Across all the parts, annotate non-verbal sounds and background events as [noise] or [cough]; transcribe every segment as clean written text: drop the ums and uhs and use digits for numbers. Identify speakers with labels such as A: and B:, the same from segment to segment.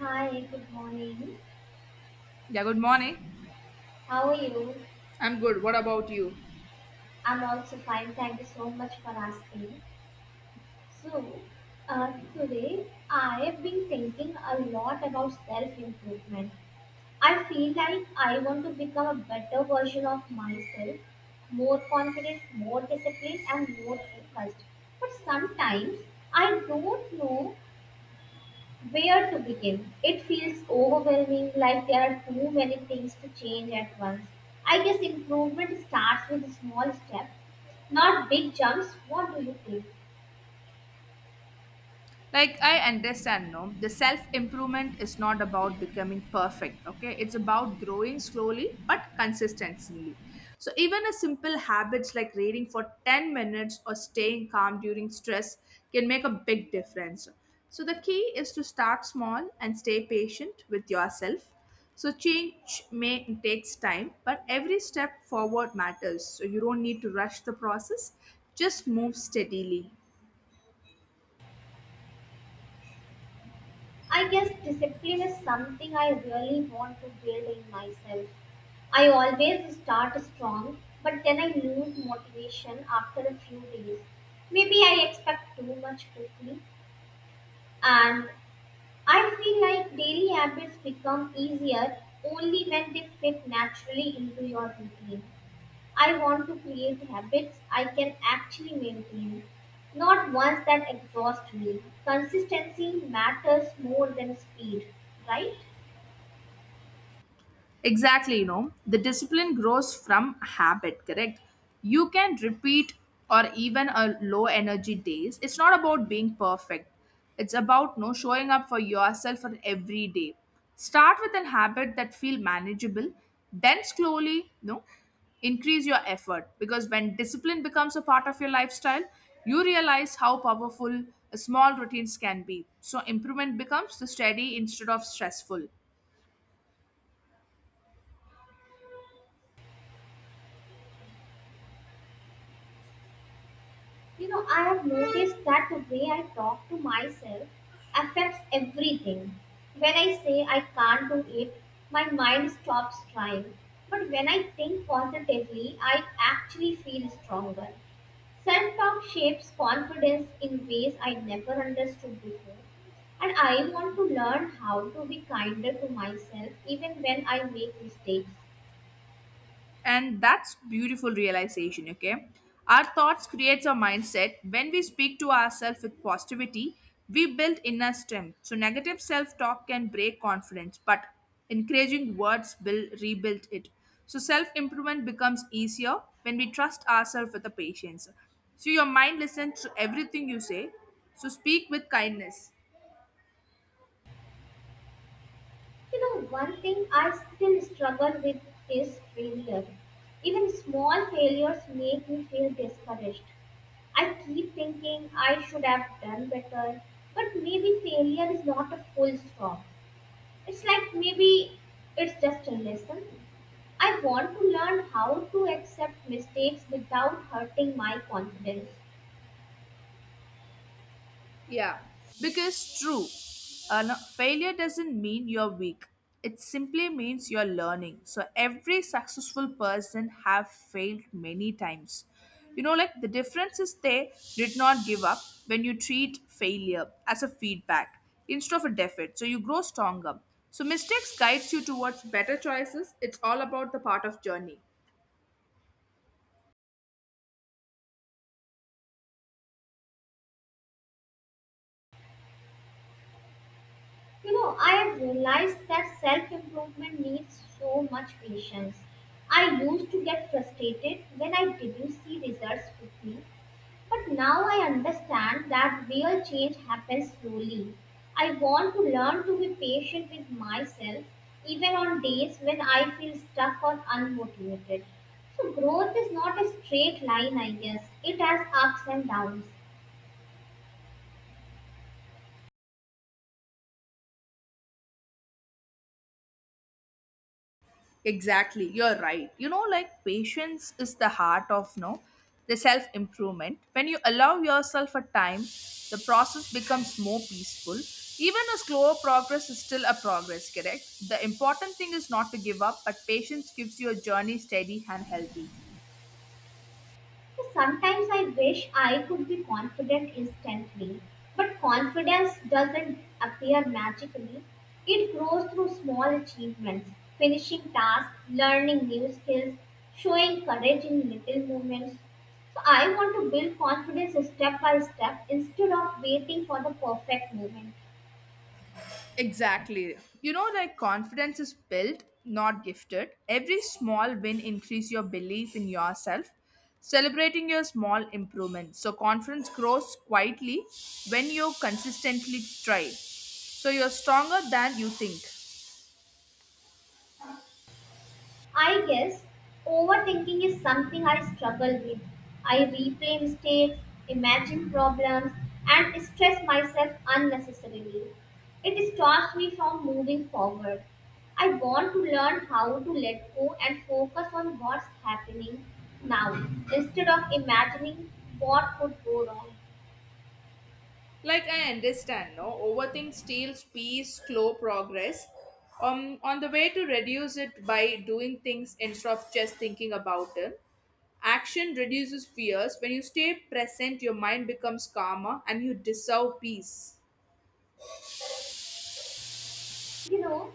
A: Hi, good morning.
B: Yeah, good morning.
A: How are you?
B: I'm good. What about you?
A: I'm also fine. Thank you so much for asking. So, today I have been thinking a lot about self improvement. I feel like I want to become a better version of myself, more confident, more disciplined, and more focused. But sometimes I don't know where to begin? It feels overwhelming, like there are too many things to change at once. I guess improvement starts with small steps, not big jumps. What do you think?
B: Like, I understand, no, the self improvement is not about becoming perfect, okay? It's about growing slowly but consistently. So even a simple habits like reading for 10 minutes or staying calm during stress can make a big difference. So the key is to start small and stay patient with yourself. So change may takes time, but every step forward matters, so you don't need to rush the process. Just move steadily.
A: I guess discipline is something I really want to build in myself. I always start strong, but then I lose motivation after a few days. Maybe I expect too much quickly, and I feel like daily habits become easier only when they fit naturally into your routine. I want to create habits I can actually maintain, not ones that exhaust me. Consistency matters more than speed, right?
B: Exactly, the discipline grows from habit, correct? You can repeat or even a low energy days. It's not about being perfect. It's about no showing up for yourself on every day. Start with an habit that feel manageable, then slowly, no, increase your effort because when discipline becomes a part of your lifestyle, you realize how powerful small routines can be. So improvement becomes the steady instead of stressful.
A: You know, I have noticed that the way I talk to myself affects everything. When I say I can't do it, my mind stops trying. But when I think positively, I actually feel stronger. Self talk shapes confidence in ways I never understood before. And I want to learn how to be kinder to myself even when I make mistakes.
B: And that's beautiful realization, okay? Our thoughts creates our mindset. When we speak to ourselves with positivity, we build inner strength. So negative self-talk can break confidence, but encouraging words will rebuild it. So self-improvement becomes easier when we trust ourselves with the patience. So your mind listens to everything you say, so speak with kindness.
A: You know, one thing I still struggle with is failure. Even small failures make me feel discouraged. I keep thinking I should have done better, but maybe failure is not a full stop. It's like maybe it's just a lesson. I want to learn how to accept mistakes without hurting my confidence.
B: Yeah, because true, no, failure doesn't mean you're weak. It simply means you're learning. So every successful person have failed many times. You know, like the difference is they did not give up when you treat failure as a feedback instead of a defeat. So you grow stronger. So mistakes guides you towards better choices. It's all about the part of journey.
A: You know, I have realized that self improvement needs so much patience. I used to get frustrated when I didn't see results quickly, but now I understand that real change happens slowly. I want to learn to be patient with myself even on days when I feel stuck or unmotivated. So, growth is not a straight line, I guess, it has ups and downs.
B: Exactly, you're right. You know, like patience is the heart of no the self improvement. When you allow yourself a time, the process becomes more peaceful. Even a slower progress is still a progress, correct? The important thing is not to give up, but patience gives your journey steady and healthy.
A: Sometimes I wish I could be confident instantly, but confidence doesn't appear magically. It grows through small achievements, finishing tasks, learning new skills, showing courage in little moments. So I want to build confidence step by step instead of waiting for the perfect moment.
B: Exactly. You know, like confidence is built, not gifted. Every small win increase your belief in yourself, celebrating your small improvements. So confidence grows quietly when you consistently try. So you're stronger than you think.
A: I guess overthinking is something I struggle with. I replay mistakes, imagine problems, and stress myself unnecessarily. It stops me from moving forward. I want to learn how to let go and focus on what's happening now instead of imagining what could go wrong.
B: Like, I understand, no, overthink steals peace, slow progress. On the way to reduce it by doing things instead of just thinking about them. Action reduces fears. When you stay present, your mind becomes calmer, and you deserve peace.
A: You know,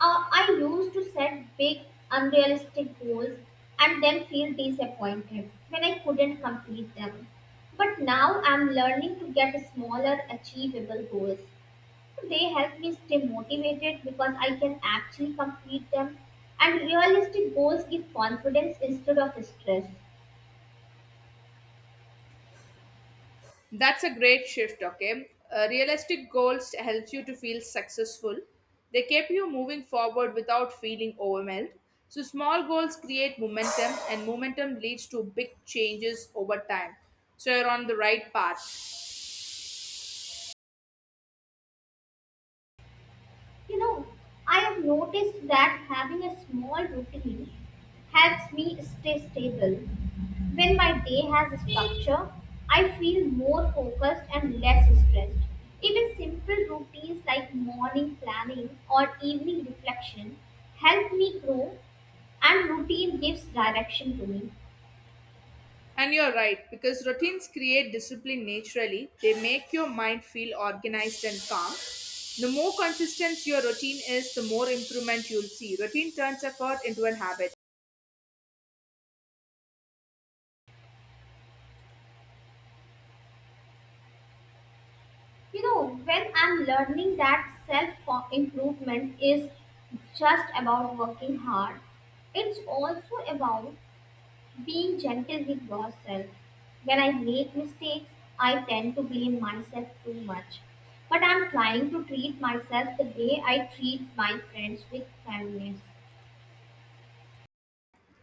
A: I used to set big, unrealistic goals and then feel disappointed when I couldn't complete them. But now I'm learning to get smaller, achievable goals. They help me stay motivated because I can actually complete them. And realistic goals give confidence instead of stress.
B: That's a great shift, okay? Realistic goals helps you to feel successful. They keep you moving forward without feeling overwhelmed. So small goals create momentum and momentum leads to big changes over time. So you're on the right path.
A: You know, I have noticed that having a small routine helps me stay stable. When my day has a structure, I feel more focused and less stressed. Even simple routines like morning planning or evening reflection help me grow, and routine gives direction to me.
B: And you're right because routines create discipline naturally. They make your mind feel organized and calm. The more consistent your routine is, the more improvement you'll see. Routine turns effort into a habit.
A: You know, when I'm learning that self improvement is just about working hard, it's also about being gentle with yourself. When I make mistakes, I tend to blame myself too much. But I'm trying to treat myself the way I treat my friends with kindness.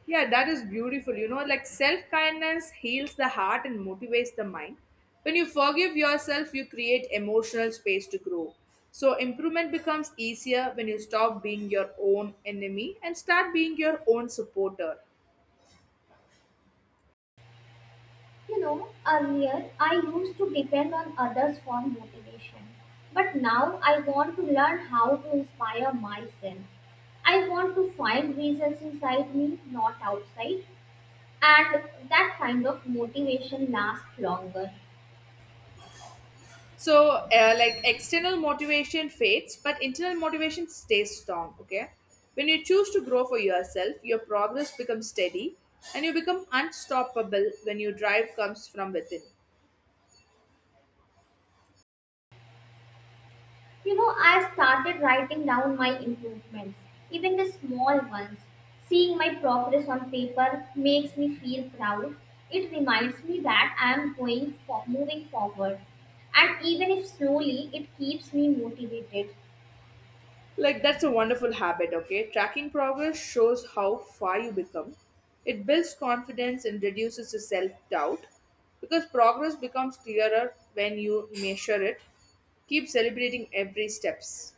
B: Yeah, that is beautiful. You know, like self kindness heals the heart and motivates the mind. When you forgive yourself, you create emotional space to grow. So improvement becomes easier when you stop being your own enemy and start being your own supporter.
A: You know, earlier I used to depend on others for motivation. But now I want to learn how to inspire myself. I want to find reasons inside me, not outside. And that kind of motivation lasts longer.
B: So, like external motivation fades, but internal motivation stays strong. Okay. When you choose to grow for yourself, your progress becomes steady, and you become unstoppable when your drive comes from within.
A: You know, I've started writing down my improvements, even the small ones. Seeing my progress on paper makes me feel proud. It reminds me that I am going for, moving forward. And even if slowly, it keeps me motivated.
B: Like, that's a wonderful habit, okay? Tracking progress shows how far you become. It builds confidence and reduces the self doubt because progress becomes clearer when you measure it. Keep celebrating every steps.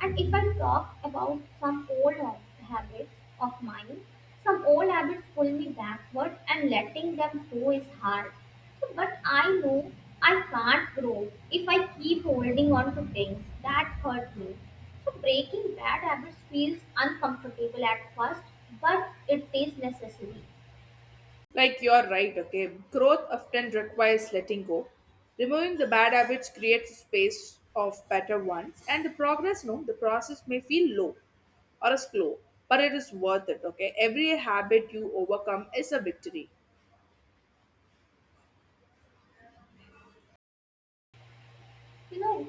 A: And if I talk about some old habits of mine, some old habits pull me backward and letting them go is hard. So, but I know I can't grow if I keep holding on to things that hurt me. So breaking bad habits feels uncomfortable at first, but it is necessary.
B: Like, you're right, okay? Growth often requires letting go. Removing the bad habits creates a space of better ones, and the progress, no, the process may feel low or slow, but it is worth it, okay? Every habit you overcome is a victory.
A: You know,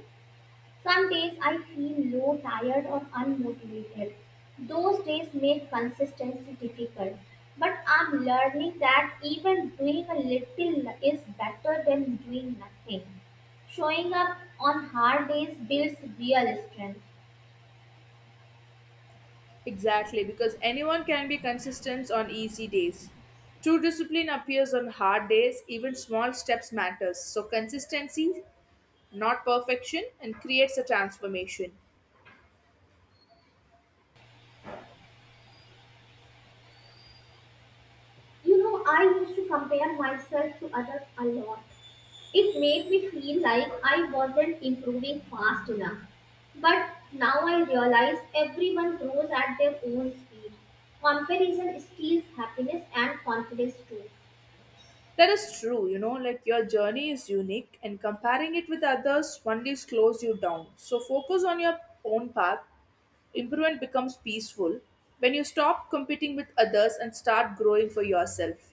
A: some days I feel low, tired, or unmotivated. Those days make consistency difficult. But I'm learning that even doing a little is better than doing nothing. Showing up on hard days builds real strength.
B: Exactly, because anyone can be consistent on easy days. True discipline appears on hard days, even small steps matters. So consistency, not perfection, and creates a transformation.
A: You know, I used to compare myself to others a lot. It made me feel like I wasn't improving fast enough. But now I realize everyone grows at their own speed. Comparison steals happiness and confidence too.
B: That is true, you know, like your journey is unique and comparing it with others only slows you down. So focus on your own path. Improvement becomes peaceful when you stop competing with others and start growing for yourself.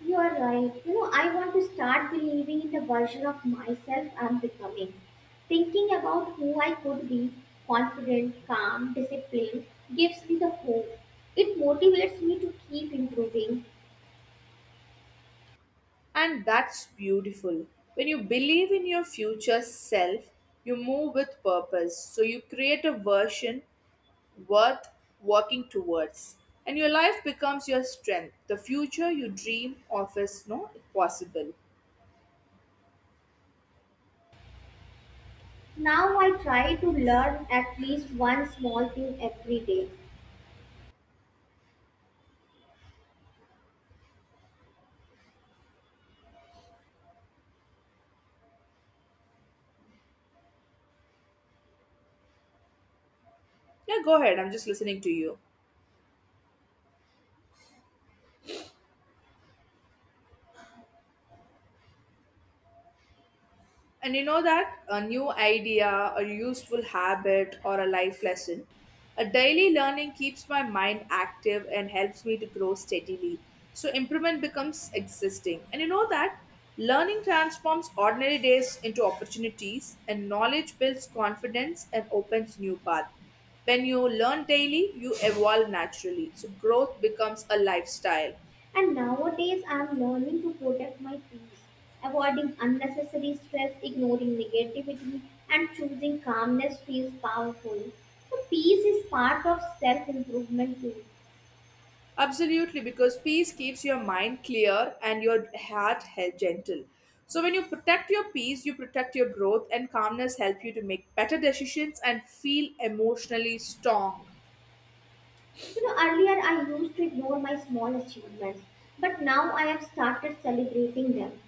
A: You are right. You know, I want to start believing in the version of myself I'm becoming. Thinking about who I could be, confident, calm, disciplined, gives me the hope. It motivates me to keep improving.
B: And that's beautiful. When you believe in your future self, you move with purpose. So you create a version worth working towards. And your life becomes your strength. The future you dream of is no possible.
A: Now I try to learn at least one small thing every day.
B: Yeah, go ahead. I'm just listening to you. And you know that a new idea, a useful habit, or a life lesson. A daily learning keeps my mind active and helps me to grow steadily. So improvement becomes existing. And you know that learning transforms ordinary days into opportunities, and knowledge builds confidence and opens new paths. When you learn daily, you evolve naturally. So growth becomes a lifestyle.
A: And nowadays I am learning to protect my peace, avoiding unnecessary stress, ignoring negativity, and choosing calmness feels powerful. So peace is part of self improvement too.
B: Absolutely, because peace keeps your mind clear and your heart held gentle. So when you protect your peace, you protect your growth, and calmness help you to make better decisions and feel emotionally strong.
A: You know, earlier I used to ignore my small achievements, but now I have started celebrating them.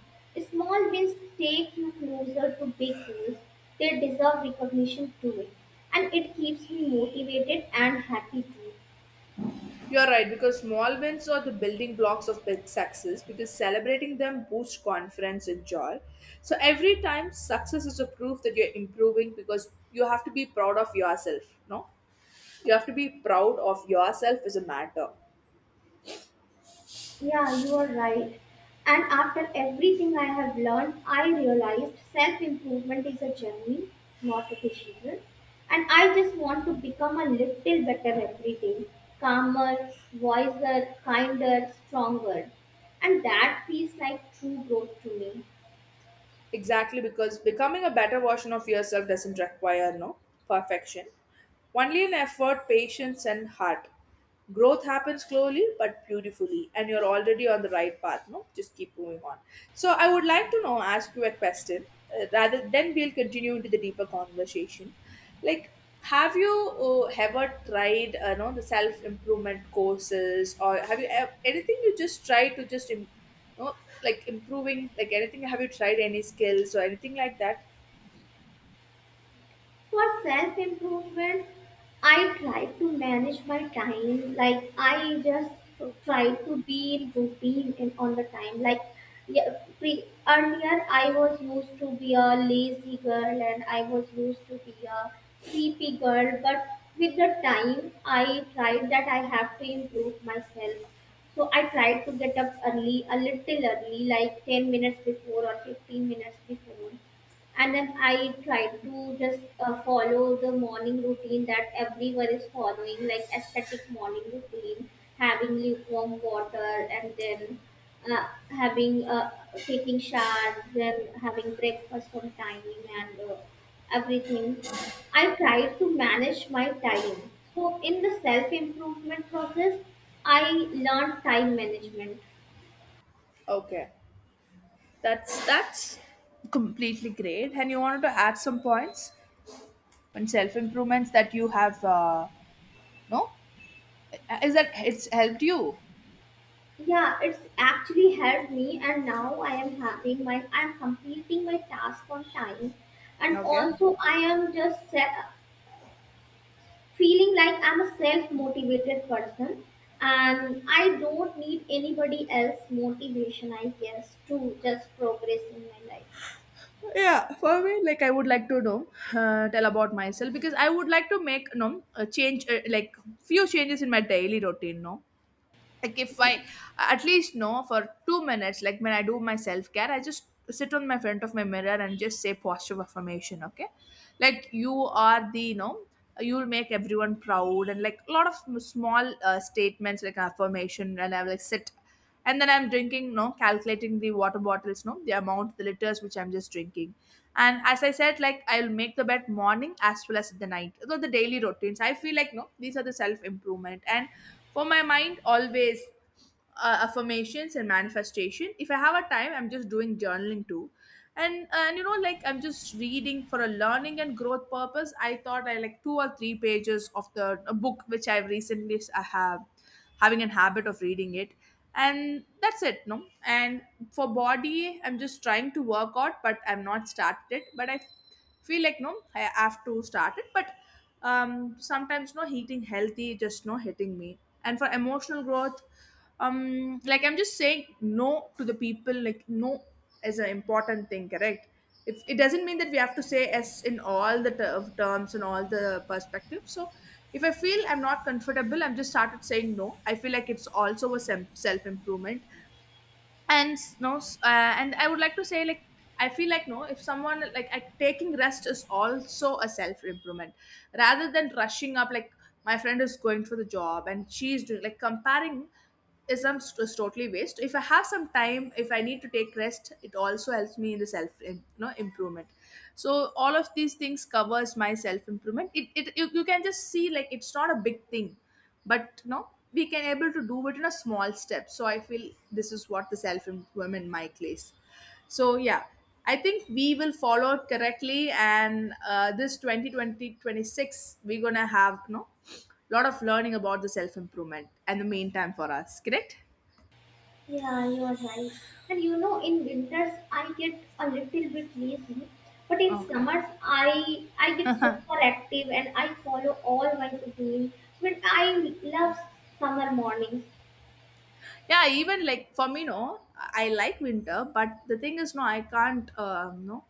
A: Small wins take you closer to big goals, they deserve recognition too, and it keeps me motivated and happy too.
B: You're right, because small wins are the building blocks of big success because celebrating them boosts confidence and joy. So every time success is a proof that you're improving because you have to be proud of yourself, no? You have to be proud of yourself as a matter.
A: Yeah, you are right. And after everything I have learned, I realized self improvement is a journey, not a decision. And I just want to become a little better every day calmer, wiser, kinder, stronger. And that feels like true growth to me.
B: Exactly, because becoming a better version of yourself doesn't require no perfection, only an effort, patience, and heart. Growth happens slowly but beautifully, and you're already on the right path. No, just keep moving on. So I would like to know, ask you a question. Rather, then we'll continue into the deeper conversation. Like, have you ever tried, know, the self improvement courses, or have you anything you just try to just no, like improving, like anything. Have you tried any skills or anything like that?
A: For self improvement, I try to manage my time. Like I just try to be in routine and on the time. Like yeah, earlier, I was used to be a lazy girl and I was used to be a sleepy girl. But with the time, I tried that I have to improve myself. So I tried to get up early, a little early, like 10 minutes before or 15 minutes before, and then I try to just follow the morning routine that everyone is following, like aesthetic morning routine, having lukewarm water, and then having taking shower, then having breakfast on time, and everything. I try to manage my time, so in the self improvement process I learned time management.
B: Okay, that's completely great. And you wanted to add some points on self improvements that you have. No, is that it's helped you?
A: Yeah, it's actually helped me, and now I am having my I'm completing my task on time, and
B: Okay.
A: also I am just feeling like I'm a self-motivated person, and I don't need anybody else motivation, I guess, to just progress in my life.
B: Yeah, for me, like I would like to know, tell about myself because I would like to make no a change, like few changes in my daily routine. No, like if I at least know for 2 minutes, like when I do my self-care, I just sit on my front of my mirror and just say positive affirmation, okay? Like, you are the, you'll make everyone proud, and like a lot of small statements like affirmation, and I will like sit. And then I'm drinking, no, calculating the water bottles, no, the amount, the liters which I'm just drinking. And as I said, like I'll make the bed morning as well as the night. So the daily routines, I feel like, no, these are the self improvement. And for my mind, always affirmations and manifestation. If I have a time, I'm just doing journaling too. And you know, like I'm just reading for a learning and growth purpose. I thought I like two or three pages of the a book which I've recently I have having a habit of reading it. And that's it, no. And for body, I'm just trying to work out, but I'm not started it, but I feel like, no, I have to start it. But sometimes, no, eating healthy just no hitting me. And for emotional growth, like I'm just saying no to the people. Like, no is an important thing, correct? It's, it doesn't mean that we have to say yes in all the terms and all the perspectives. So if I feel I'm not comfortable, I'm just started saying no. I feel like it's also a self improvement. And no, and I would like to say, like, I feel like, no, if someone like I, taking rest is also a self improvement rather than rushing up. Like my friend is going for the job and she's doing, like, comparing is is totally waste. If I have some time, if I need to take rest, it also helps me in the self in, improvement. So all of these things covers my self improvement. It you can just see, like, it's not a big thing. But, no, we can able to do it in a small step. So I feel this is what the self improvement mic is. So yeah, I think we will follow it correctly. And this 202026, we're gonna have no lot of learning about the self improvement and the main time for us, correct?
A: Yeah, you are right. And you know, in winters I get a little bit lazy, but in
B: Okay.
A: summers I get super active and I follow all my to-do list. But I love summer mornings.
B: Yeah, even like for me no, I like winter, but the thing is no, I can't, no,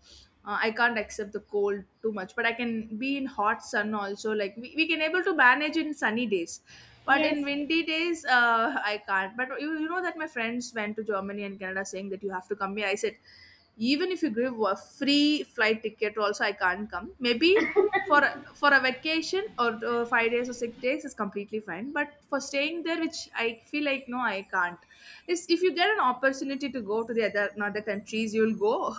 B: I can't accept the cold too much, but I can be in hot sun also, like we can able to manage in sunny days. But
A: Yes,
B: in
A: yes.
B: windy days, I can't. But you know that my friends went to Germany and Canada, saying that you have to come here. I said, even if you give a free flight ticket also, I can't come. Maybe for a vacation or 5 days or 6 days is completely fine, but for staying there, which I feel like no, I can't. If you get an opportunity to go to the other countries, you'll go. [laughs]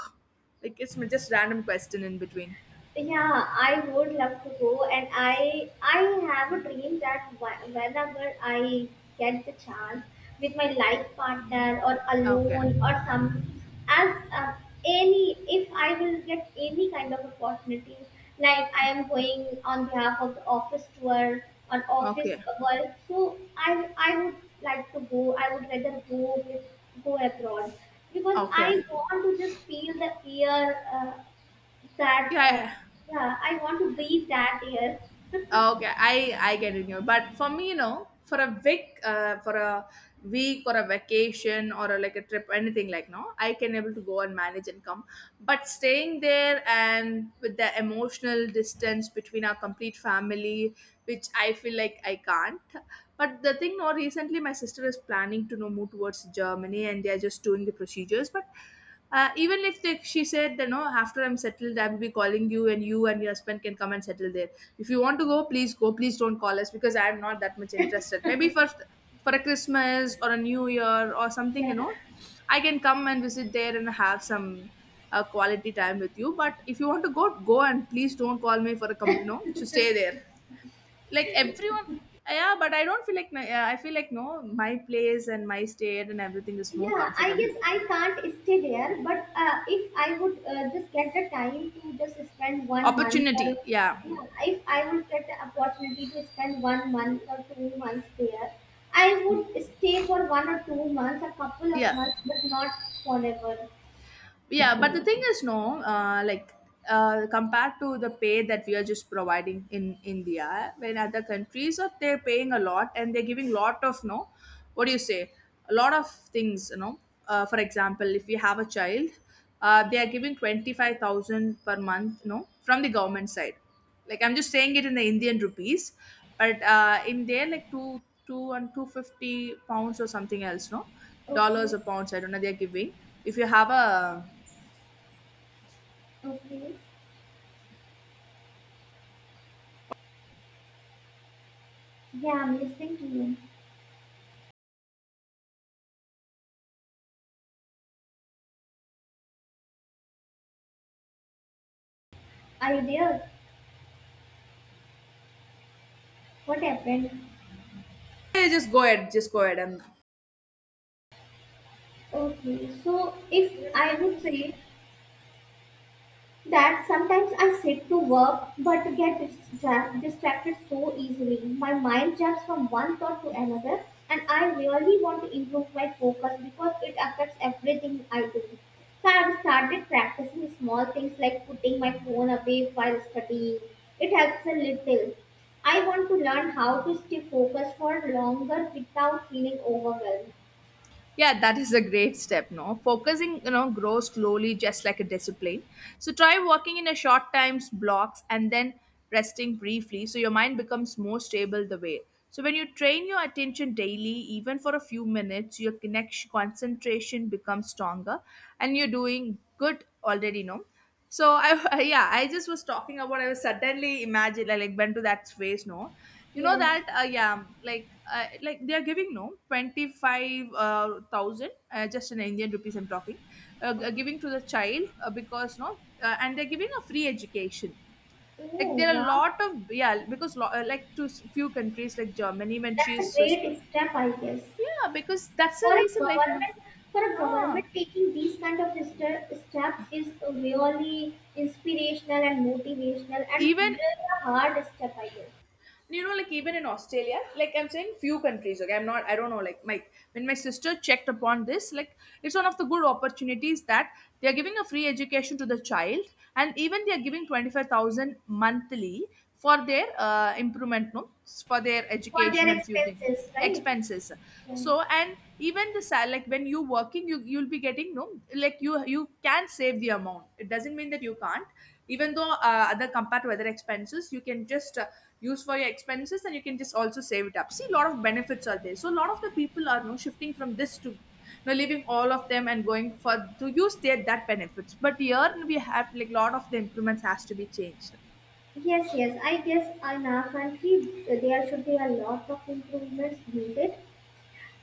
B: Like it's just random question in between.
A: Yeah, I would love to go, and I have a dream that whenever I get the chance, with my life partner or
B: Okay,
A: alone or some, as any, if I will get any kind of opportunity, like I am going on behalf of the office tour on office
B: okay,
A: work, so I would like to go. I would rather go with, go abroad, because
B: okay.
A: I want to just feel the air. That
B: Yeah, yeah.
A: Yeah, I want to breathe that air.
B: Okay, I get it. But for me, for a week or a vacation or like a trip, anything like no, I can able to go and manage and come. But staying there and with the emotional distance between our complete family, which I feel like I can't. But the thing, no, recently my sister is planning to move towards Germany, and they are just doing the procedures, but. Even if she said, after I'm settled, I will be calling you, and you and your husband can come and settle there. If you want to go, please go. Please don't call us because I'm not that much interested. Maybe first for a Christmas or a New Year or something,
A: Yeah.
B: I can come and visit there and have some quality time with you. But if you want to go, go, and please don't call me for a company no, to stay there. Like everyone, yeah, but I don't feel like, yeah, I feel like no, my place and my state and everything is more
A: Yeah, I
B: comfortable.
A: guess I can't stay there, but if I would just get the time to just spend one month, or
B: Opportunity, yeah,
A: yeah, if I would get the opportunity to spend one month or 2 months there, I would stay for 1 or 2 months, a couple of
B: yeah.
A: months, but not forever.
B: Yeah, but the thing is no, like, compared to the pay that we are just providing in India, when other countries are, they're paying a lot, and they're giving lot of no, what do you say, a lot of things. For example, if you have a child, they are giving 25,000 per month, from the government side. Like I'm just saying it in the Indian rupees, but in there like two and 250 pounds or something else no, dollars
A: Okay.
B: or pounds, I don't know, they're giving if you have a.
A: Okay. Yeah, I'm listening to you. Yeah. Are you there? What happened?
B: Yeah, just go ahead. Just go ahead. And
A: Okay. So if I would say that sometimes I sit to work but get distracted so easily. My mind jumps from one thought to another, and I really want to improve my focus because it affects everything I do. So I've started practicing small things like putting my phone away while studying. It helps a little. I want to learn how to stay focused for longer without feeling overwhelmed.
B: yeah, that is a great step no, focusing grows slowly, just like a discipline. So try working in a short times blocks and then resting briefly, so your mind becomes more stable the way. So when you train your attention daily, even for a few minutes, your connection concentration becomes stronger, and you're doing good already no. So I, [laughs] yeah, I just was talking about, I was suddenly imagine, I like went to that space no. You know
A: Yes.
B: that, yeah, like they are giving no twenty five thousand, just in Indian rupees I'm talking,
A: Okay.
B: giving to the child, because no, and they're giving a free education, like
A: Oh,
B: there are a
A: wow.
B: lot of, yeah, because like few countries like Germany, when she
A: That's a
B: is.
A: great step, I guess.
B: Yeah, because that's the
A: For a
B: reason like no.
A: government, for a government
B: Ah,
A: taking these kind of step is really inspirational and motivational, and
B: even
A: really a hard step, I guess.
B: like, even in Australia, like I'm saying few countries, okay, I don't know, like my when my sister checked upon this, like it's one of the good opportunities that they are giving a free education to the child, and even they are giving 25,000 monthly for their improvement no, for their
A: For their
B: education and few things,
A: expenses, right?
B: expenses.
A: Yeah.
B: So, and even the sal, like when you working, you'll be getting no, like you can save the amount, it doesn't mean that you can't, even though other compared to other expenses, you can just use for your expenses, and you can just also save it up. See, a lot of benefits are there, so a lot of the people are no, shifting from this to now, leaving all of them and going for to use their that benefits. But here we have like lot of the improvements has to be changed.
A: Yes, yes, I guess in our country there should be a lot of improvements needed,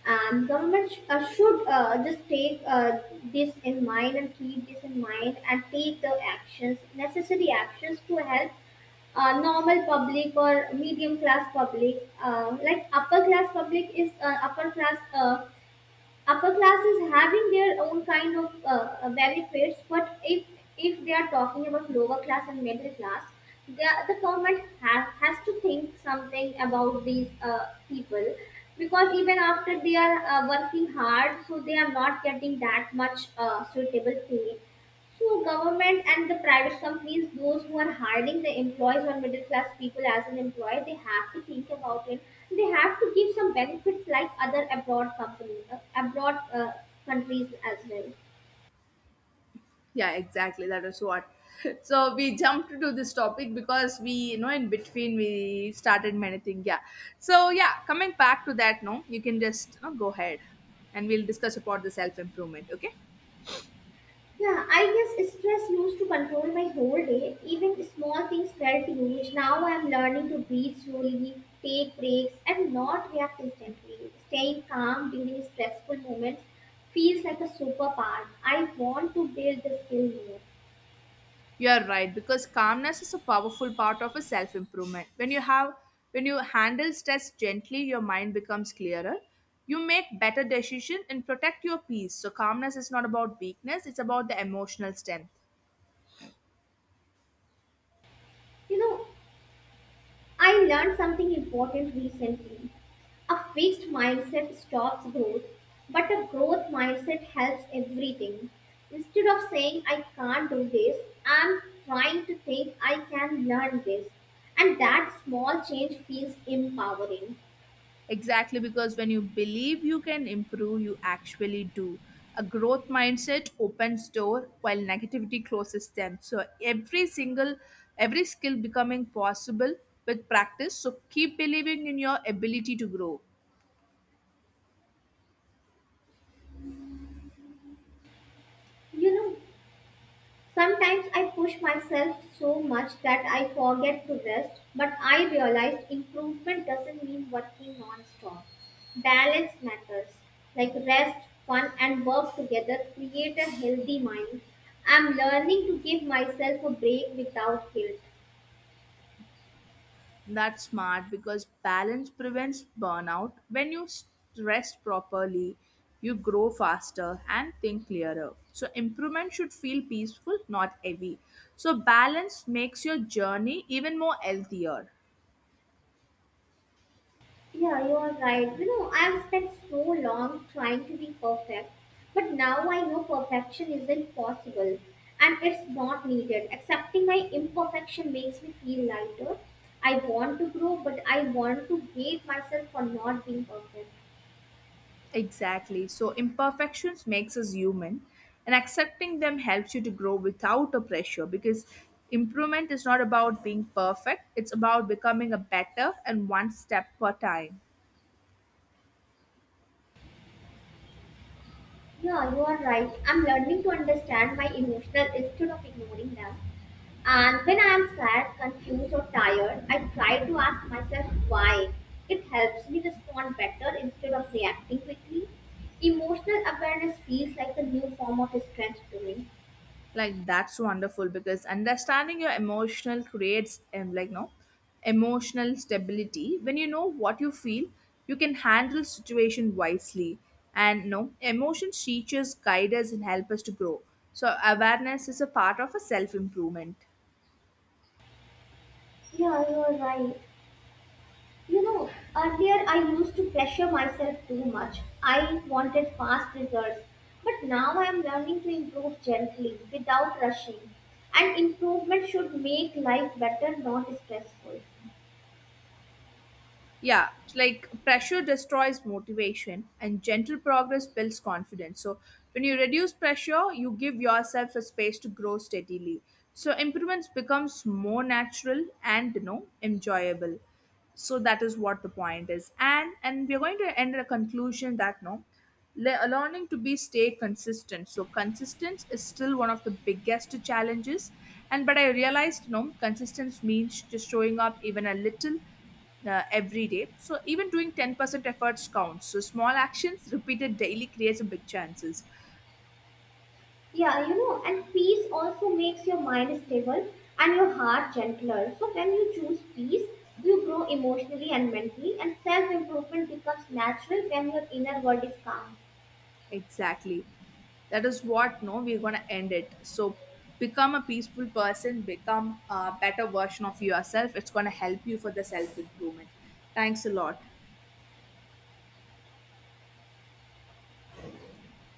A: and government should just take this in mind and keep this in mind and take the actions, necessary actions, to help normal public or medium class public, like upper class public is upper class, upper class is having their own kind of benefits. But if they are talking about lower class and middle class, the government has to think something about these people, because even after they are working hard, so they are not getting that much suitable pay. So government and the private companies, those who are hiring the employees or middle class people as an employee, they have to think about it. They have to give some benefits like other abroad company, abroad countries as well.
B: Yeah, exactly. That is what. [laughs] So we jumped to this topic because we, in between we started many things. Yeah. So yeah, coming back to that, no, you can just go ahead, and we'll discuss about the self improvement. Okay.
A: Yeah, I guess stress used to control my whole day. Even small things felt huge. Now I am learning to breathe slowly, take breaks, and not react instantly. Staying calm during stressful moments feels like a superpower. I want to build the skill more.
B: You are right because calmness is a powerful part of a self improvement. When you handle stress gently, your mind becomes clearer. You make better decisions and protect your peace. So calmness is not about weakness; it's about the emotional strength.
A: You know, I learned something important recently. A fixed mindset stops growth, but a growth mindset helps everything. Instead of saying, I can't do this, I'm trying to think I can learn this. And that small change feels empowering.
B: Exactly, because when you believe you can improve, you actually do. A growth mindset opens door while negativity closes them. So every skill becoming possible with practice. So keep believing in your ability to grow.
A: You know, sometimes I push myself so much that I forget to rest, but I realized improvement doesn't mean working non stop. Balance matters. Like rest, fun, and work together create a healthy mind. I'm learning to give myself a break without guilt.
B: That's smart because balance prevents burnout. When you rest properly, you grow faster and think clearer. So, improvement should feel peaceful, not heavy. So, balance makes your journey even more healthier.
A: Yeah, you are right. You know, I've spent so long trying to be perfect, but now I know perfection isn't possible and it's not needed. Accepting my imperfection makes me feel lighter. I want to grow, but I want to hate myself for not being perfect.
B: Exactly. So, imperfections makes us human, and accepting them helps you to grow without a pressure, because improvement is not about being perfect, it's about becoming a better and one step per time.
A: Yeah, you are right. I'm learning to understand my emotional instead of ignoring them. And when I am sad, confused, or tired, I try to ask myself why. It helps me respond better instead of reacting quickly. Emotional awareness feels like a new form of strength to me.
B: Like that's wonderful because understanding your emotional creates, like no, emotional stability. When you know what you feel, you can handle situation wisely, and no, emotions teach us, guide us, and help us to grow. So awareness is a part of a self improvement.
A: Yeah, you're right. You know, earlier I used to pressure myself too much. I wanted fast results. But now I am learning to improve gently, without rushing. And improvement should make life better, not stressful.
B: Yeah, it's like pressure destroys motivation and gentle progress builds confidence. So when you reduce pressure, you give yourself a space to grow steadily. So improvements becomes more natural and enjoyable. So that is what the point is, and we're going to end in a conclusion that no, learning to be stay consistent. So consistency is still one of the biggest challenges, and but I realized no, consistency means just showing up even a little, every day. So even doing 10% efforts counts. So small actions repeated daily creates a big chances.
A: Yeah, you know, and peace also makes your mind stable and your heart gentler. So when you choose peace, you grow emotionally and mentally, and self improvement becomes natural when your inner world is calm.
B: Exactly. That is what no, we're going to end it. So become a peaceful person, become a better version of yourself. It's going to help you for the self improvement. Thanks a lot.